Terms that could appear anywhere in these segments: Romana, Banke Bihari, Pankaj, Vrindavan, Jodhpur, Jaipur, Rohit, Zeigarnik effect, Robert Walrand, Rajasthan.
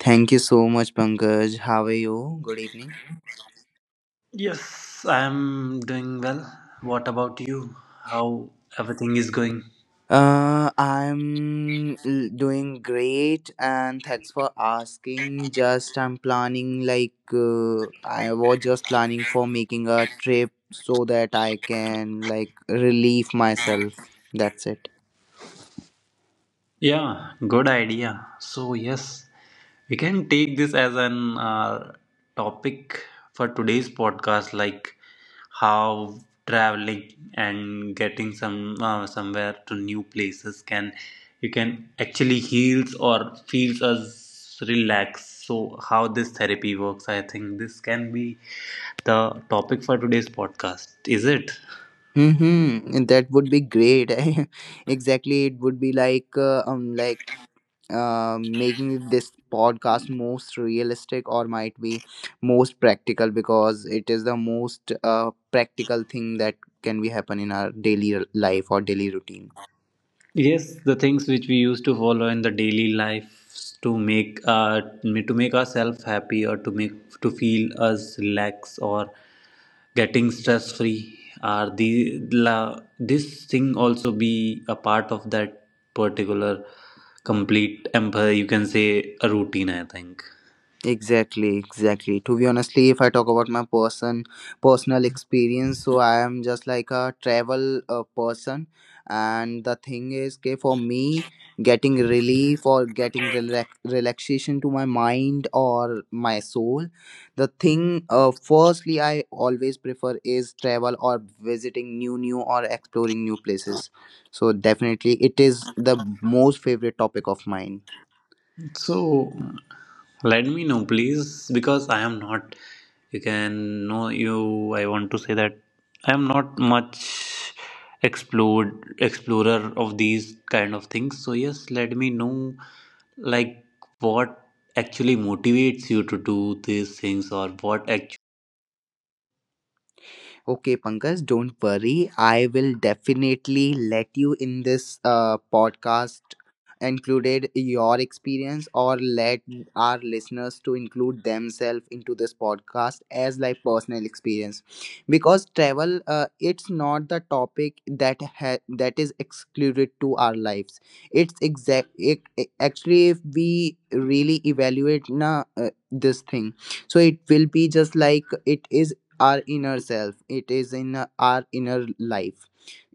Thank you so much, Pankaj. How are you? Good evening. Yes, I am doing well. What about you? How everything is going? I'm doing great, and thanks for asking. Just I'm planning, like, I was just planning for making a trip so that I can, like, relieve myself. That's it. Yeah, good idea. So, yes, we can take this as an topic for today's podcast, like how traveling and getting somewhere to new places can you can actually heals or feels us relax. So, how this therapy works, I think this can be the topic for today's podcast. Is it? Mm-hmm. That would be great. Exactly, it would be like making this podcast most realistic, or might be most practical because it is the most practical thing that can be happen in our daily life or daily routine. Yes, the things which we used to follow in the daily life to make ourselves happy, or to make to feel us relax or getting stress free, are this thing also be a part of that particular complete empire, you can say, a routine, I think. Exactly, exactly. To be honestly, if I talk about my personal experience, so I am just like a travel person, and the thing is, okay, for me, getting relief or getting relaxation to my mind or my soul, the thing, firstly, I always prefer is travel or visiting new or exploring new places. So definitely, it is the most favorite topic of mine. So let me know please, because I am not, you can know you, I want to say that I am not much explored explorer of these kind of things. So yes, let me know, like what actually motivates you to do these things, or what actually. Okay, Pankaj, don't worry. I will definitely let you in this podcast included your experience, or let our listeners to include themselves into this podcast as like personal experience, because travel it's not the topic that is excluded to our lives. It's exact actually, if we really evaluate na, this thing, so it will be just like it is our inner self. It is in our inner life.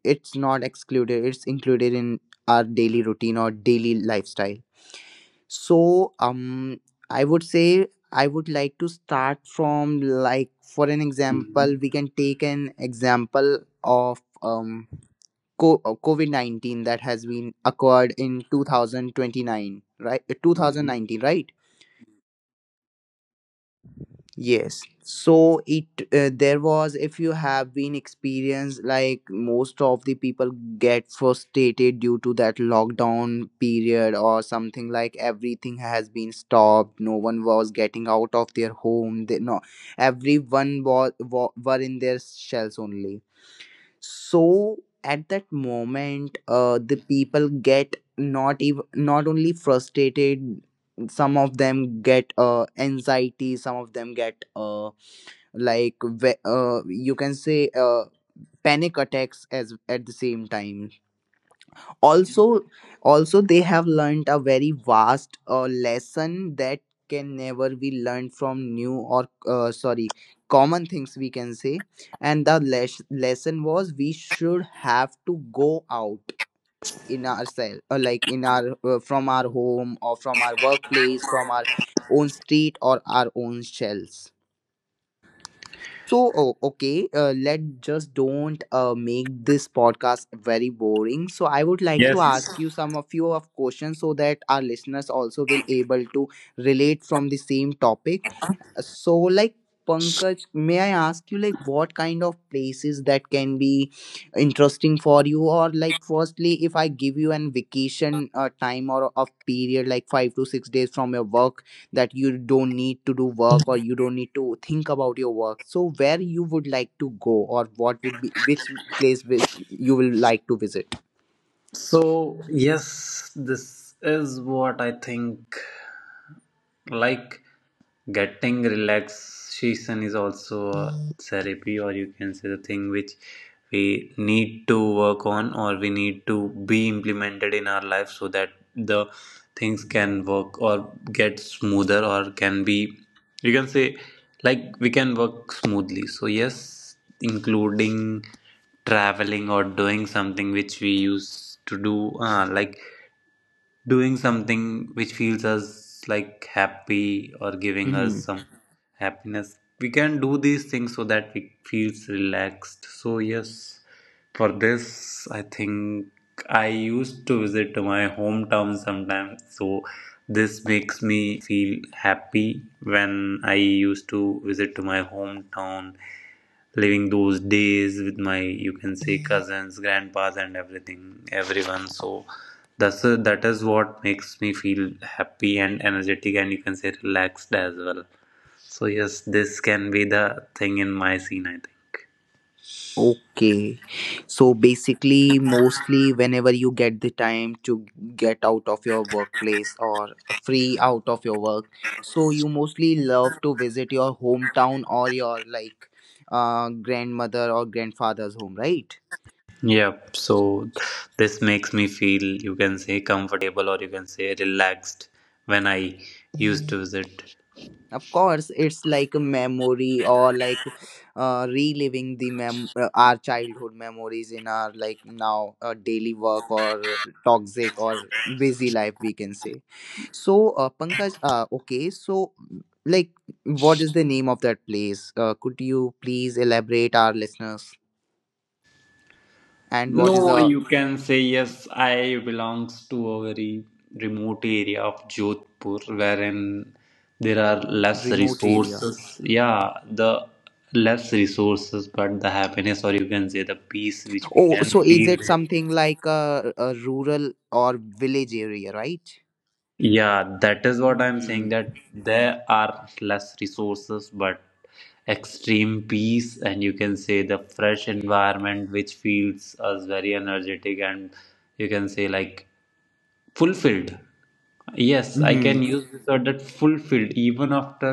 It's not excluded, it's included in our daily routine or daily lifestyle. So i would say I would like to start from, like, for an example, we can take an example of COVID-19 that has been occurred in 2029, right? 2019, right? Yes. So it there was, if you have been experienced, like most of the people get frustrated due to that lockdown period or something. Like, everything has been stopped. No one was getting out of their home. They, no, everyone was were in their shells only. So at that moment, the people get not even not only frustrated. Some of them get anxiety. Some of them get you can say, panic attacks. As at the same time, also also, they have learned a very vast lesson that can never be learned from new, or sorry, common things, we can say. And the lesson was, we should have to go out in ourselves, like in our from our home, or from our workplace, from our own street, or our own shells. So, oh, okay, let just don't make this podcast very boring. So, I would like to Yes. ask you some a few of questions, so that our listeners also will able to relate from the same topic. So, like, Pankaj, may I ask you, like, what kind of places that can be interesting for you? Or, like, firstly, if I give you an vacation time or of period, like 5 to 6 days from your work, that you don't need to do work or you don't need to think about your work. So, where you would like to go, or what will be which place you will like to visit? So, yes, this is what I think, like getting relaxation is also a therapy, or you can say the thing which we need to work on, or we need to be implemented in our life so that the things can work or get smoother, or can be, you can say, like we can work smoothly. So, yes, including traveling, or doing something which we used to do, like doing something which feels us like happy or giving us some happiness, we can do these things so that we feels relaxed. So yes, for this I think I used to visit to my hometown sometimes. So this makes me feel happy when I used to visit to my hometown, living those days with my, you can say, cousins, grandpas and everything, everyone. So that is what makes me feel happy and energetic and, you can say, relaxed as well. So yes, this can be the thing in my scene, I think. Okay. So basically, mostly whenever you get the time to get out of your workplace or free out of your work, so you mostly love to visit your hometown, or your, like, grandmother or grandfather's home, right? Yeah, so this makes me feel, you can say, comfortable, or you can say, relaxed when I used to visit. Of course, it's like a memory, or like, reliving the mem our childhood memories in our, like, now, daily work or toxic or busy life, we can say. So, Pankaj, okay, so like what is the name of that place? Could you please elaborate our listeners? And what is No, the you can say yes. I belongs to a very remote area of Jodhpur, wherein there are less remote area? resources. Yeah, the less resources, but the happiness, or you can say, the peace, which we Oh, can so is feel it there. something like a rural or village area, right? Yeah, that is what I'm saying. Mm-hmm. That there are less resources, but extreme peace, and you can say the fresh environment, which feels us very energetic and, you can say, like fulfilled. Yes, I can use this word, that fulfilled. Even after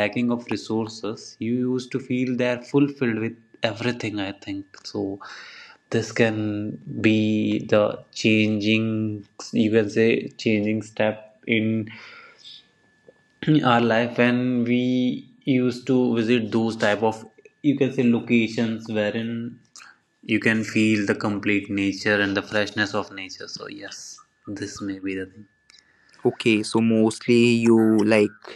lacking of resources, you used to feel they are fulfilled with everything, I think. So this can be the changing, you can say, changing step in our life when we used to visit those type of, you can say, locations wherein you can feel the complete nature and the freshness of nature. So yes, this may be the thing. Okay, so mostly you like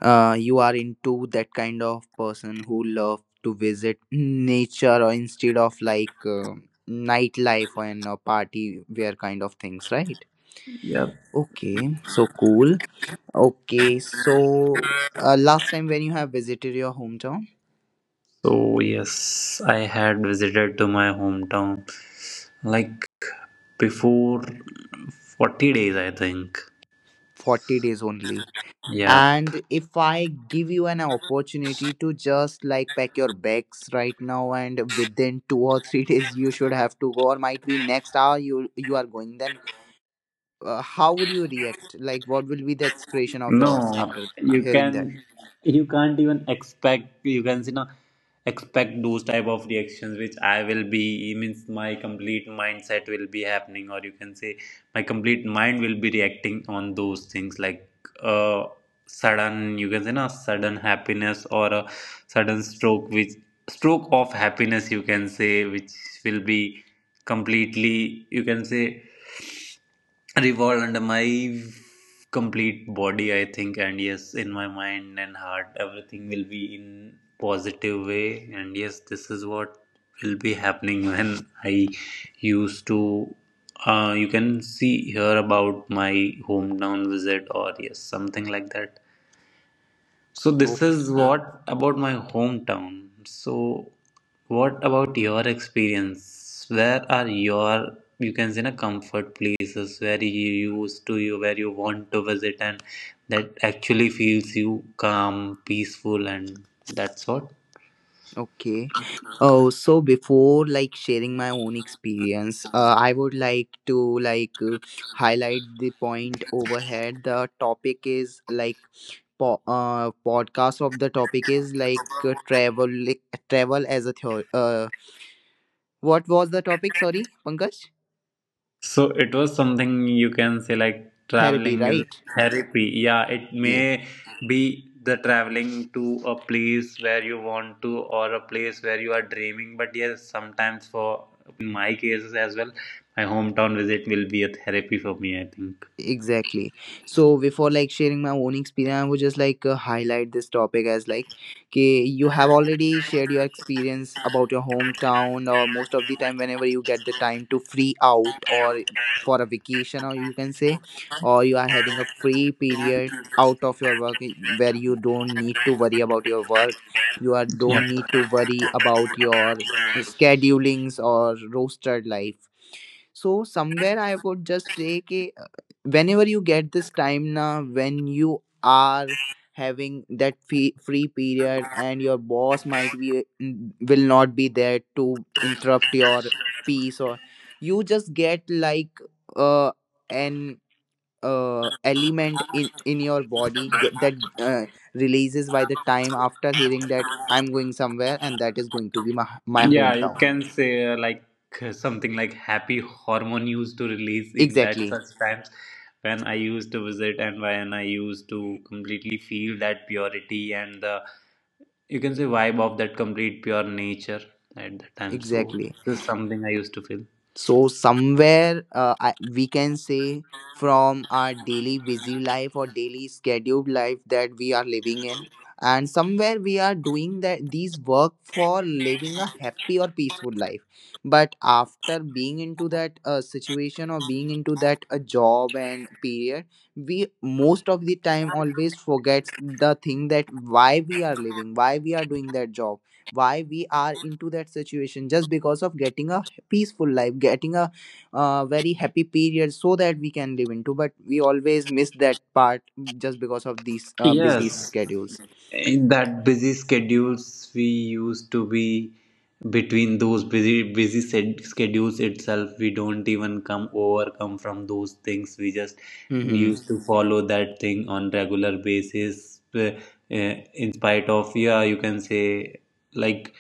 you are into that kind of person who love to visit nature, or instead of, like, nightlife and a party wear kind of things, right? Yeah. Okay, so cool. Okay, so last time when you have visited your hometown, So yes, I had visited to my hometown like before 40 days, I think. 40 days only. Yeah. And if I give you an opportunity to just, like, pack your bags right now, and within two or three days you should have to go, or might be next hour you are going, then how would you react? Like, what will be the expression of No, yours after you hearing that? can you can't even expect, you can see, now expect those type of reactions which I will be, means, my complete mindset will be happening, or you can say, my complete mind will be reacting on those things, like uh sudden, you can say na, sudden happiness, or a sudden stroke which stroke of happiness, you can say, which will be completely, you can say, revolved under my complete body, I think, and yes, in my mind and heart, everything will be in positive way. And yes, this is what will be happening when I used to. You can see here about my hometown visit, or yes, something like that. So Oh, this is what about my hometown. So what about your experience? Where are your, you can say na, comfort places, where you used to you where you want to visit, and that actually feels you calm, peaceful, and that's what? okay. Oh, so before, like, sharing my own experience, I would like to, like, highlight the point overhead. The topic is, like, podcast of the topic is, like, travel as a theory. What was the topic? Sorry, Pankaj. So it was something, you can say, like Therapy, traveling is right? therapy. Yeah, it Yeah. may be the traveling to a place where you want to, or a place where you are dreaming. But yes, sometimes for my cases as well, my hometown visit will be a therapy for me, I think. Exactly. So before, like, sharing my own experience, I would just like, highlight this topic as, like, okay, you have already shared your experience about your hometown, or most of the time whenever you get the time to free out, or for a vacation, or you can say, or you are having a free period out of your work, where you don't need to worry about your work, you are Yeah. don't need to worry about your schedulings or rostered life. So somewhere I would just say, "K, whenever you get this time, now when you are having that free period, and your boss might be, will not be there to interrupt your peace, or you just get, like, uh an element in your body get, that uh, releases by the time after hearing that I'm going somewhere. And that is going to be my Yeah, you hometown. can say like something like happy hormone used to release in that Exactly, such times when I used to visit, and when I used to completely feel that purity and the, you can say, vibe of that complete pure nature at that time. So exactly. this is something I used to feel. So somewhere we can say from our daily busy life, or daily scheduled life that we are living in, and somewhere we are doing that these work for living a happy or peaceful life. But after being into that situation, or being into that a job and period, we most of the time always forgets the thing that why we are living, why we are doing that job, why we are into that situation. Just because of getting a peaceful life, getting a very happy period so that we can live into, but we always miss that part just because of these busy Yes, schedules. in that busy schedules we used to be between those busy schedules itself, we don't even come overcome from those things. We just Mm-hmm. used to follow that thing on regular basis, uh, in spite of, yeah you can say, like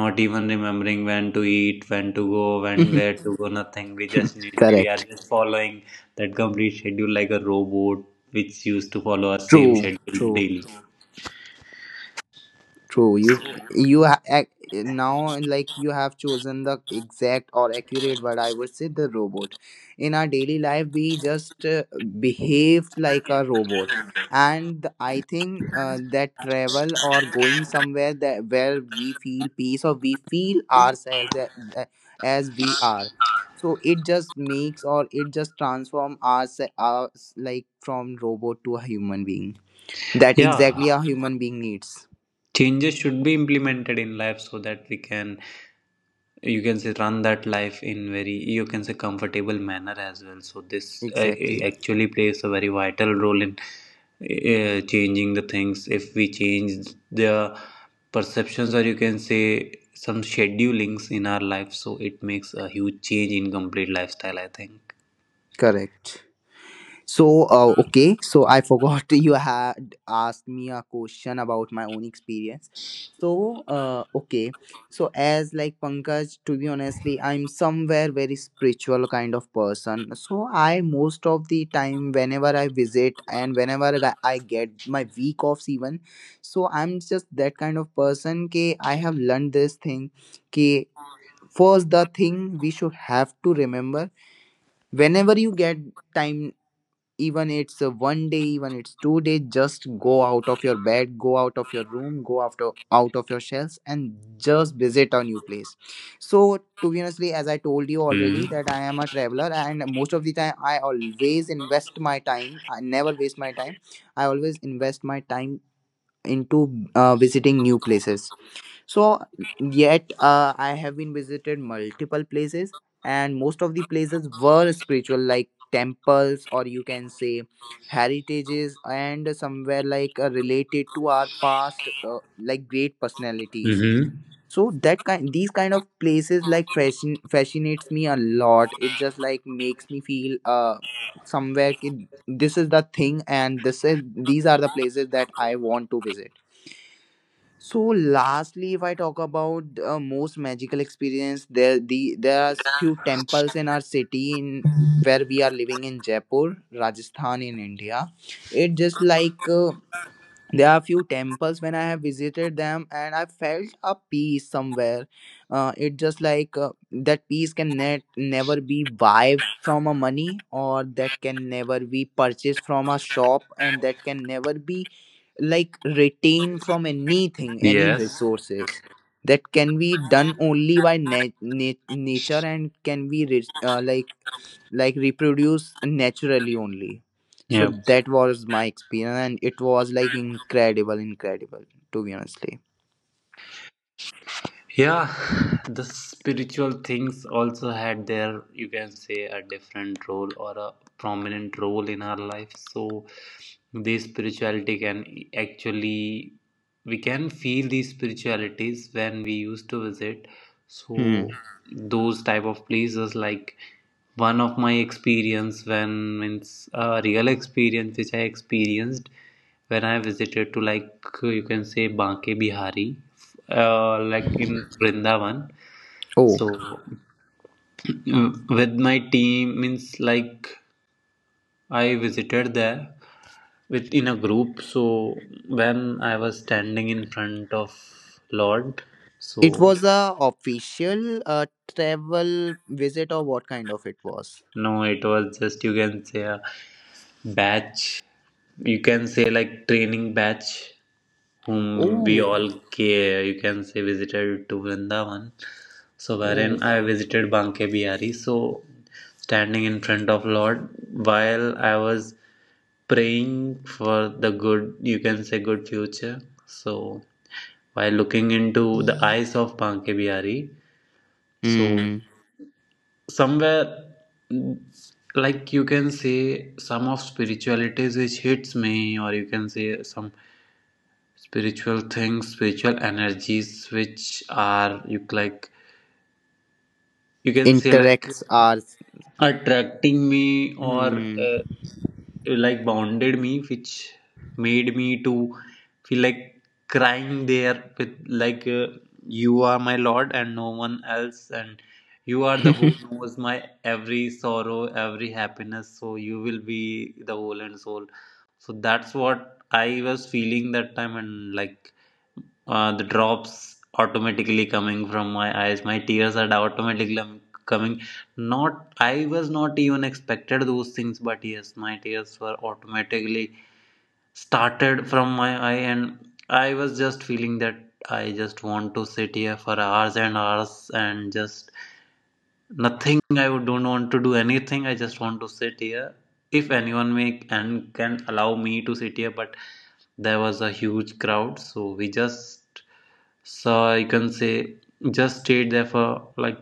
not even remembering when to eat, when to go, when where to go, nothing. we just need we are Correct. just following that complete schedule like a robot, which used to follow our same True, schedule true, daily. true, you now, like, you have chosen the exact or accurate word. I would say, the robot. In our daily life, we just behaved like a robot. And I think that travel or going somewhere, that where we feel peace or we feel ourselves as we are. So it just makes, or it just transform us, like from robot to a human being. That exactly Yeah, a human being needs. changes should be implemented in life so that we can, you can say, run that life in very, you can say, comfortable manner as well. So this Exactly. actually plays a very vital role in changing the things. If we change the perceptions, or you can say, some schedulings in our life, so it makes a huge change in complete lifestyle, I think. Correct. So, okay, so I forgot you had asked me a question about my own experience. So, okay, so as like Pankaj, to be honestly, I'm somewhere very spiritual kind of person. So, I most of the time, whenever I visit and whenever I get my week offs, even, so I'm just that kind of person. K, I have learned this thing. K, first, the thing we should have to remember: whenever you get time, even it's a one day, even it's 2 days, just go out of your bed, go out of your room, go after out of your shells, and just visit a new place. So to be honestly, as I told you Mm-hmm. already, that I am a traveler and most of the time I always invest my time. I never waste my time, I always invest my time into visiting new places. So yet, I have been visited multiple places, and most of the places were spiritual, like temples, or you can say heritages and somewhere like, related to our past, like, great personalities. Mm-hmm. So that kind these kind of places like fascinates me a lot. It just like makes me feel, somewhere, this is the thing, and this is these are the places that I want to visit. So lastly, if I talk about most magical experience, there are few temples in our city in where we are living in Jaipur, Rajasthan, in India. It just like, there are few temples when I have visited them, and I felt a peace somewhere. It just like that peace can never be buy from a money, or that can never be purchased from a shop, and that can never be like retain from anything any Yes. resources that can be done only by nature and can be reproduce naturally only. So Yeah. that was my experience, and it was like incredible to be honestly. Yeah, the spiritual things also had their, you can say, a different role, or a prominent role in our life. So, the spirituality actually, we can feel these spiritualities when we used to visit. So, hmm those type of places, like one of my experience when means a real experience which I experienced when I visited to, like you can say, Banke Bihari, like in Vrindavan. oh, So with my team, means like I visited there with in a group. So when I was standing in front of Lord, it so was a official travel visit or what kind of it was? no, it was just, you can say, a batch. You can say like training batch whom we Oh, all care. You can say visited to Vrindavan. So oh, wherein I visited Banke Bihari. So standing in front of Lord while I was praying for the good, you can say, good future. So while looking into the eyes of Banke Bihari, so hmm somewhere mm, like you can say, some of spiritualities which hits me, or you can say, some spiritual energies, which are you, like you can say, like interacts are attracting me, or hmm like bounded me, which made me to feel like crying there, with like you are my lord and no one else, and you are the who knows my every sorrow, every happiness. So you will be the whole and soul. So that's what I was feeling that time. And like the drops automatically coming from my eyes, my tears are automatically coming. Not, I was not even expected those things, but yes, my tears were automatically started from my eye, and I was just feeling that I just want to sit here for hours and hours, and just nothing. I don't want to do anything. I just want to sit here if anyone make and can allow me to sit here. But there was a huge crowd, so we just, so I can say just stayed there for like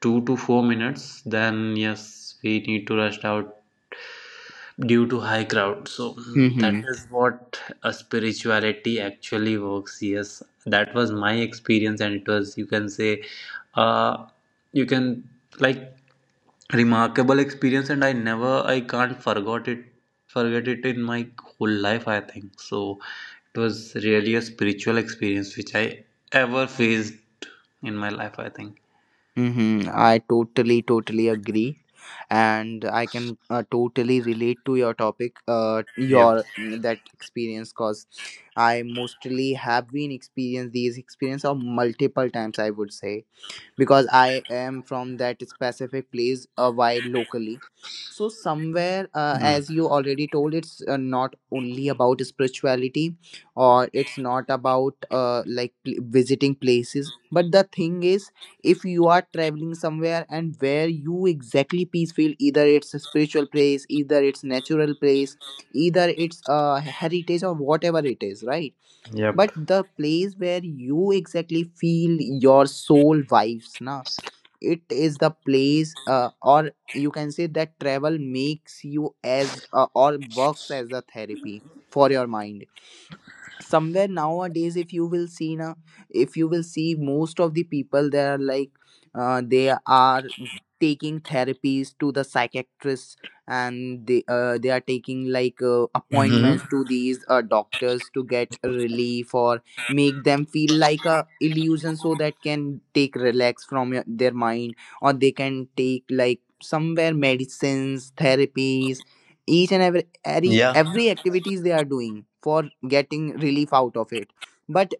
2 to 4 minutes. Then yes, we need to rush out due to high crowd. So that hmm is what a spirituality actually works. Yes, that was my experience, and it was, you can say, uh you can like remarkable experience, and I never, I can't forgot it forget it in my whole life, I think. So it was really a spiritual experience which I ever faced in my life, I think. Mm-hmm. I totally agree, and I can totally relate to your topic, Yep. your that experience, cause I mostly have been experienced these experience of multiple times. I would say, because I am from that specific place while locally. So, somewhere, Mm. as you already told, it's not only about spirituality or it's not about visiting places. But the thing is, if you are traveling somewhere and where you exactly peace feel, either it's a spiritual place, either it's natural place, either it's a heritage or whatever it is, right? Yep. But the place where you exactly feel your soul vibes na, it is the place or you can say that travel makes you as or works as a therapy for your mind somewhere. Nowadays, if you will see, now if you will see, most of the people, they are like they are taking therapies to the psychiatrists, and they are taking like Hmm. appointments to these doctors to get relief or make them feel like a illusion so that can take relax from your, their mind, or they can take like somewhere medicines therapies, each and every every Yeah, every activities they are doing for getting relief out of it. But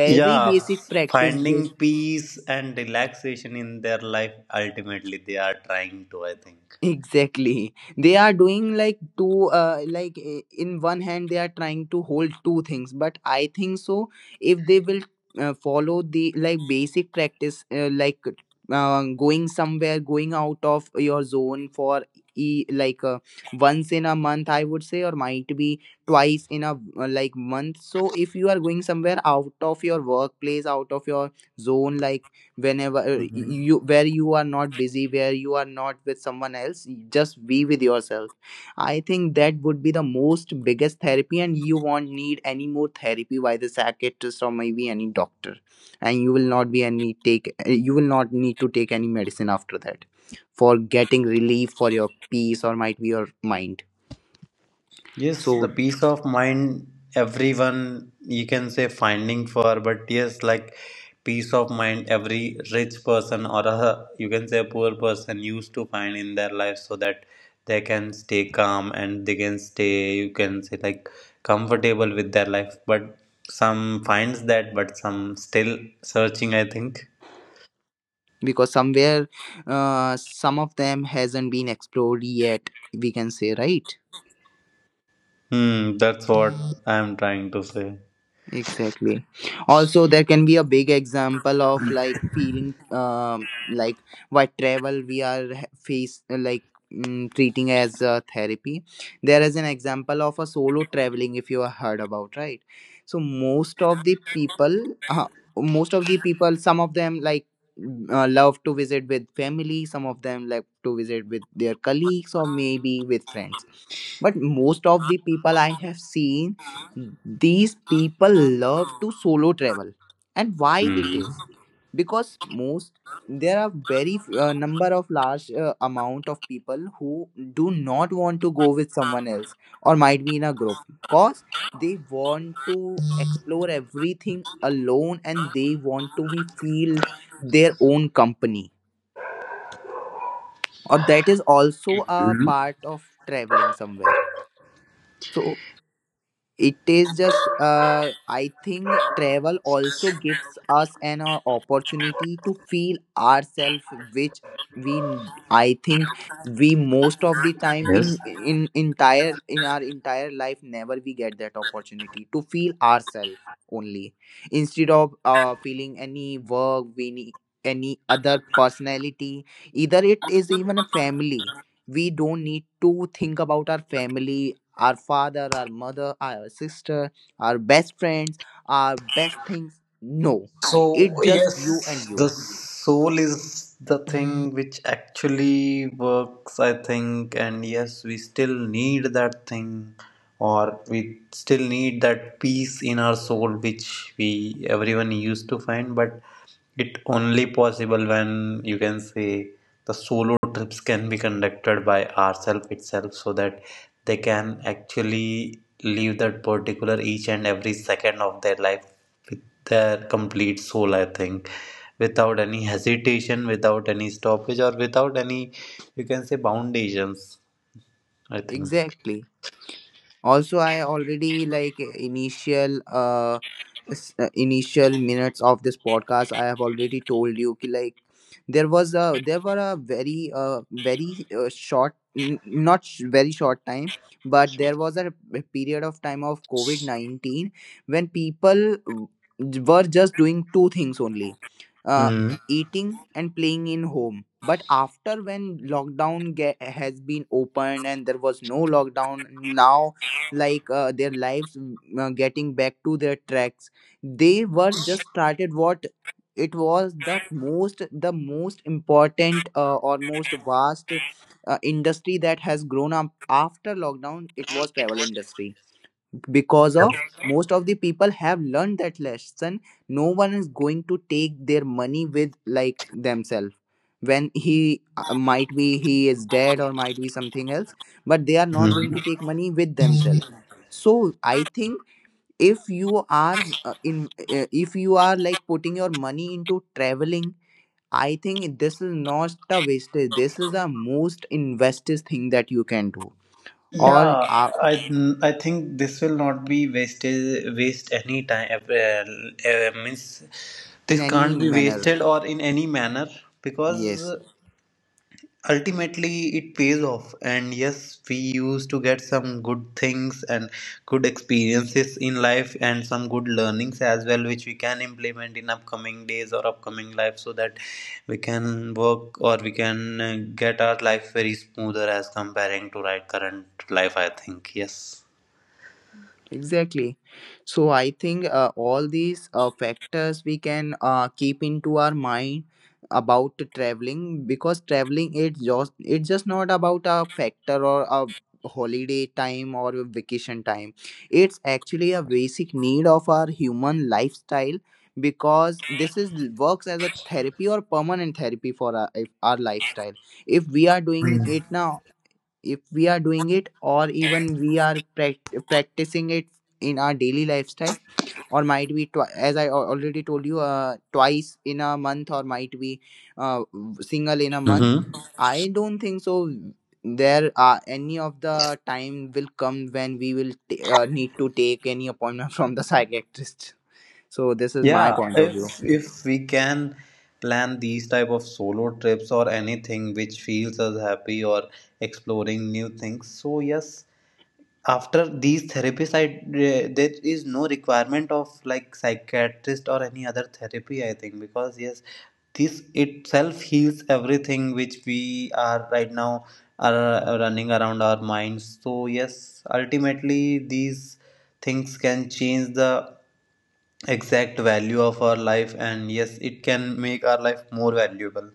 very yeah, basic practice finding they peace and relaxation in their life, ultimately they are trying to, I think. exactly, they are doing like two, in one hand, they are trying to hold two things. But I think so, if they will follow the like basic practice, going somewhere, going out of your zone for e like once in a month, I would say, or might be twice in a like month. So if you are going somewhere out of your workplace, out of your zone, like whenever Hmm. you where you are not busy, where you are not with someone else, just be with yourself. I think that would be the most biggest therapy, and you won't need any more therapy by the psychiatrist or maybe any doctor. And you will not be any take you will not need to take any medicine after that for getting relief for your peace or might be your mind. Yes, So the peace of mind everyone, you can say, finding for, but yes, like peace of mind every rich person, or a, you can say, a poor person, used to find in their life so that they can stay calm, and they can stay, you can say, like comfortable with their life. But some finds that, but some still searching, I think. because somewhere some of them hasn't been explored yet, we can say, right? Hmm, that's what I'm trying to say. Exactly. Also, there can be a big example of like feeling like what travel we are face like treating as a therapy. There is an example of a solo traveling, if you have heard about, right? So most of the people uh, most of the people, some of them like love to visit with family, some of them like to visit with their colleagues or maybe with friends. But most of the people I have seen, these people love to solo travel. And why it Hmm. is? Because most, there are very number of large amount of people who do not want to go with someone else or might be in a group, cause they want to explore everything alone and they want to be feel their own company, or that is also a part of traveling somewhere. So it is just, I think travel also gives us an opportunity to feel ourselves, which we, I think, we most of the time in our entire life never we get that opportunity to feel ourselves only, instead of feeling any work, we need any other personality. Either it is even a family. We don't need to think about our family, our father, our mother, our sister, our best friends, our best things. No, So, it's just you and yes, the you. soul is the thing which actually works, I think, and yes, we still need that thing, or we still need that peace in our soul, which we everyone used to find, but it only possible when, you can say, the solo trips can be conducted by ourselves itself, so that they can actually live that particular each and every second of their life with their complete soul, I think. Without any hesitation, without any stoppage, or without any, you can say, foundations, I think. Exactly. Also, I already like initial initial minutes of this podcast, I have already told you ki, like there was a, there were a very very short n- not sh- very short time, but there was a period of time of covid-19 when people were just doing two things only, uh Hmm. eating and playing in home. But after when lockdown has been opened and there was no lockdown now, like their lives getting back to their tracks, they were just started. What it was? The most, the most important or most vast industry that has grown up after lockdown, it was travel industry. Because Yep. of most of the people have learned that lesson, no one is going to take their money with like themselves when he might be he is dead or might be something else, but they are not going Mm. to take money with themselves. So I think if you are in if you are like putting your money into traveling, I think this is not a wastage, this is the most invested thing that you can do or Yeah, I I think this will not be waste any time. Well, means in this any can't be manner. wasted or in any manner, Yes, because ultimately it pays off, and yes, we used to get some good things and good experiences in life, and some good learnings as well, which we can implement in upcoming days or upcoming life, so that we can work, or we can get our life very smoother as comparing to right current life, I think. Yes. exactly. So I think all these factors we can keep into our mind about traveling, because traveling, it's just, it's just not about a factor or a holiday time or a vacation time. It's actually a basic need of our human lifestyle, because this is works as a therapy or permanent therapy for our, if our lifestyle, if we are doing Mm-hmm. it now, if we are doing it or even we are practicing it in our daily lifestyle or might be already told you, twice in a month or might be uh, single in a month, I don't think so there are any of the time will come when we will need to take any appointment from the psychiatrist. So this is my Yeah, point of view. if we can plan these type of solo trips, or anything which feels us happy, or exploring new things. So yes, after these therapies, I there is no requirement of like psychiatrist or any other therapy, I think, because yes, this itself heals everything which we are right now are running around our minds. So yes, ultimately these things can change the exact value of our life, and yes, it can make our life more valuable.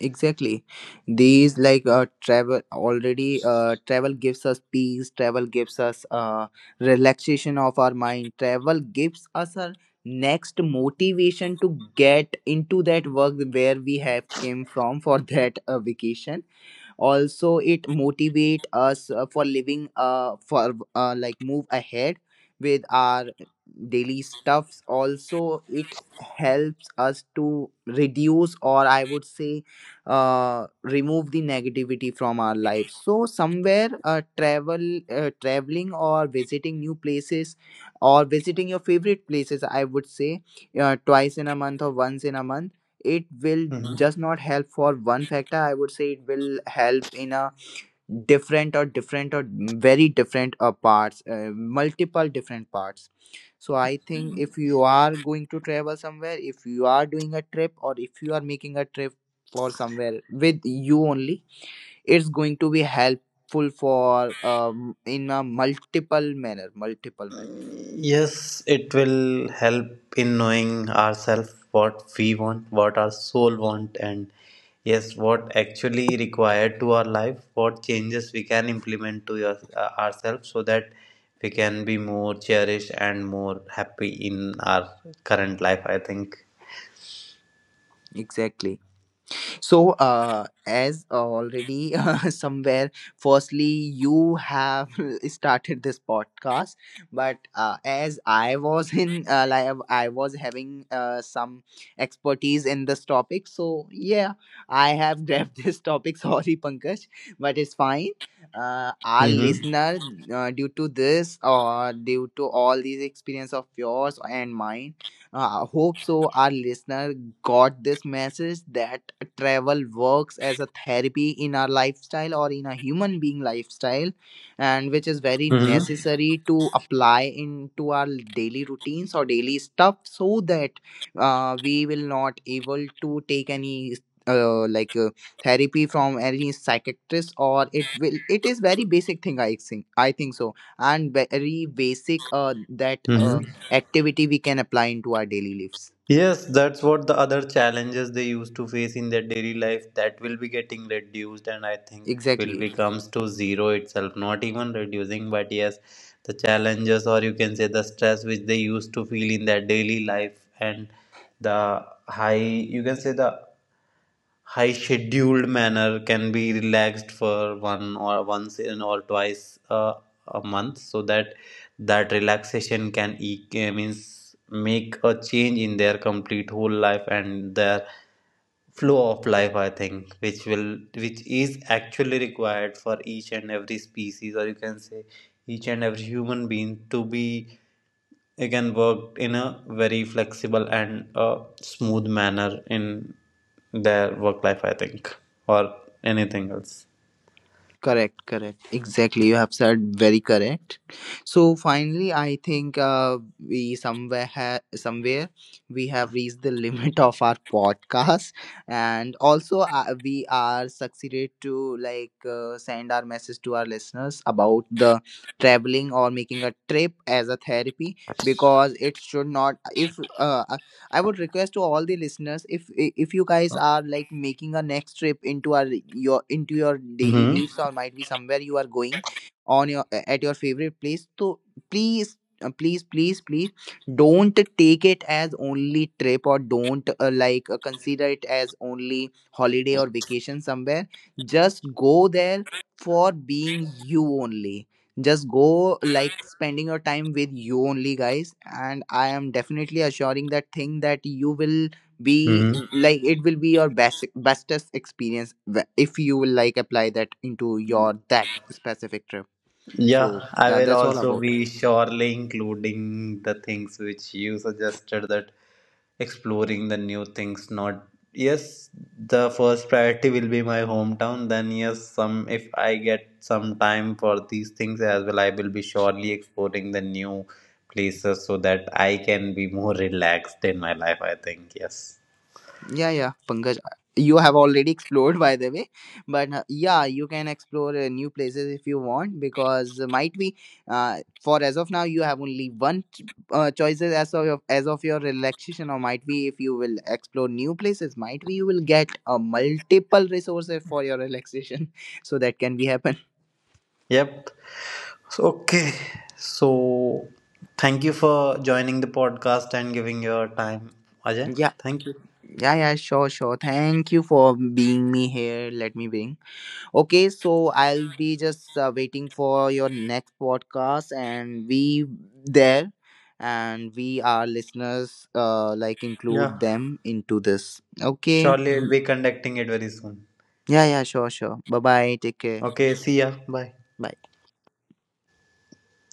Exactly, these like travel gives us peace, travel gives us relaxation of our mind, travel gives us our next motivation to get into that work where we have came from for that vacation. Also, it motivate us for living for like move ahead with our daily stuffs. Also, it helps us to reduce or I would say remove the negativity from our life. So somewhere traveling or visiting new places or visiting your favorite places, I would say twice in a month or once in a month, it will Mhm. just not help for one factor. I would say it will help in a different or different or very different parts multiple different parts. So I think if you are going to travel somewhere, if you are doing a trip or if you are making a trip for somewhere with you only, it's going to be helpful for in a multiple manner, multiple manners. Yes, it will help in knowing ourselves, what we want, what our soul want, and yes, what actually required to our life, what changes we can implement to ourselves, so that we can be more cherished and more happy in our current life, I think. Exactly. So, as already somewhere, firstly, you have started this podcast, but as I was in, like, I was having some expertise in this topic. So, yeah, I have grabbed this topic. Sorry, Pankaj, but it's fine. Our Mm-hmm. listener, due to this or due to all these experience of yours and mine, I hope so. Our listener got this message that travel works as a therapy in our lifestyle or in a human being lifestyle, and which is very necessary to apply into our daily routines or daily stuff so that we will not able to take any. Like therapy from any psychiatrist, or it will, it is very basic thing, I think, I think so, and very basic that Mm-hmm. activity we can apply into our daily lives. Yes, that's what the other challenges they used to face in their daily life, that will be getting reduced, and I think it will Exactly. be comes to zero itself, not even reducing. But yes, the challenges, or you can say, the stress which they used to feel in their daily life, and the high you can say the high scheduled manner, can be relaxed for one or once in or twice a month, so that that relaxation can e- means make a change in their complete whole life and their flow of life, I think, which is actually required for each and every species, or you can say, each and every human being, to be again worked in a very flexible and smooth manner in their work life, I think, or anything else. Correct. Correct. Exactly. You have said very correct. So finally, I think we somewhere somewhere we have reached the limit of our podcast, and also we are succeeded to like send our message to our listeners about the traveling or making a trip as a therapy. Because it should not, if I would request to all the listeners, if you guys are like making a next trip into our your into your daily Hmm. lives, or might be somewhere you are going on your at your favorite place, so please, please don't take it as only trip, or don't consider it as only holiday or vacation somewhere. Just go there for being you only, just go like spending your time with you only, guys. And I am definitely assuring that thing that you will be Hmm. like it will be your best bestest experience if you will like apply that into your that specific trip. So Yeah, I yeah, will that's all also about. be surely including the things which you suggested, that exploring the new things. Not yes, the first priority will be my hometown, then yes some, if I get some time for these things as well, I will be surely exploring the new places, so that I can be more relaxed in my life, I think. Yes. Yeah, yeah, Pankaj, you have already explored, by the way. But yeah, you can explore new places if you want, because might be for as of now you have only one choices as of your relaxation, or might be if you will explore new places, might be you will get a multiple resources for your relaxation. So that can be happen. Yep. So, okay, so thank you for joining the podcast and giving your time, Ajay. Yeah, Thank you. yeah, yeah, sure, sure. Thank you for being me here. Let me bring. Okay, so I'll be just waiting for your next podcast, and we there, and we our listeners like Yeah, include them into this. Okay. surely we'll Mhm. be conducting it very soon. Yeah, yeah, sure, sure. Bye bye. Take care. Okay, see ya. Bye. Bye.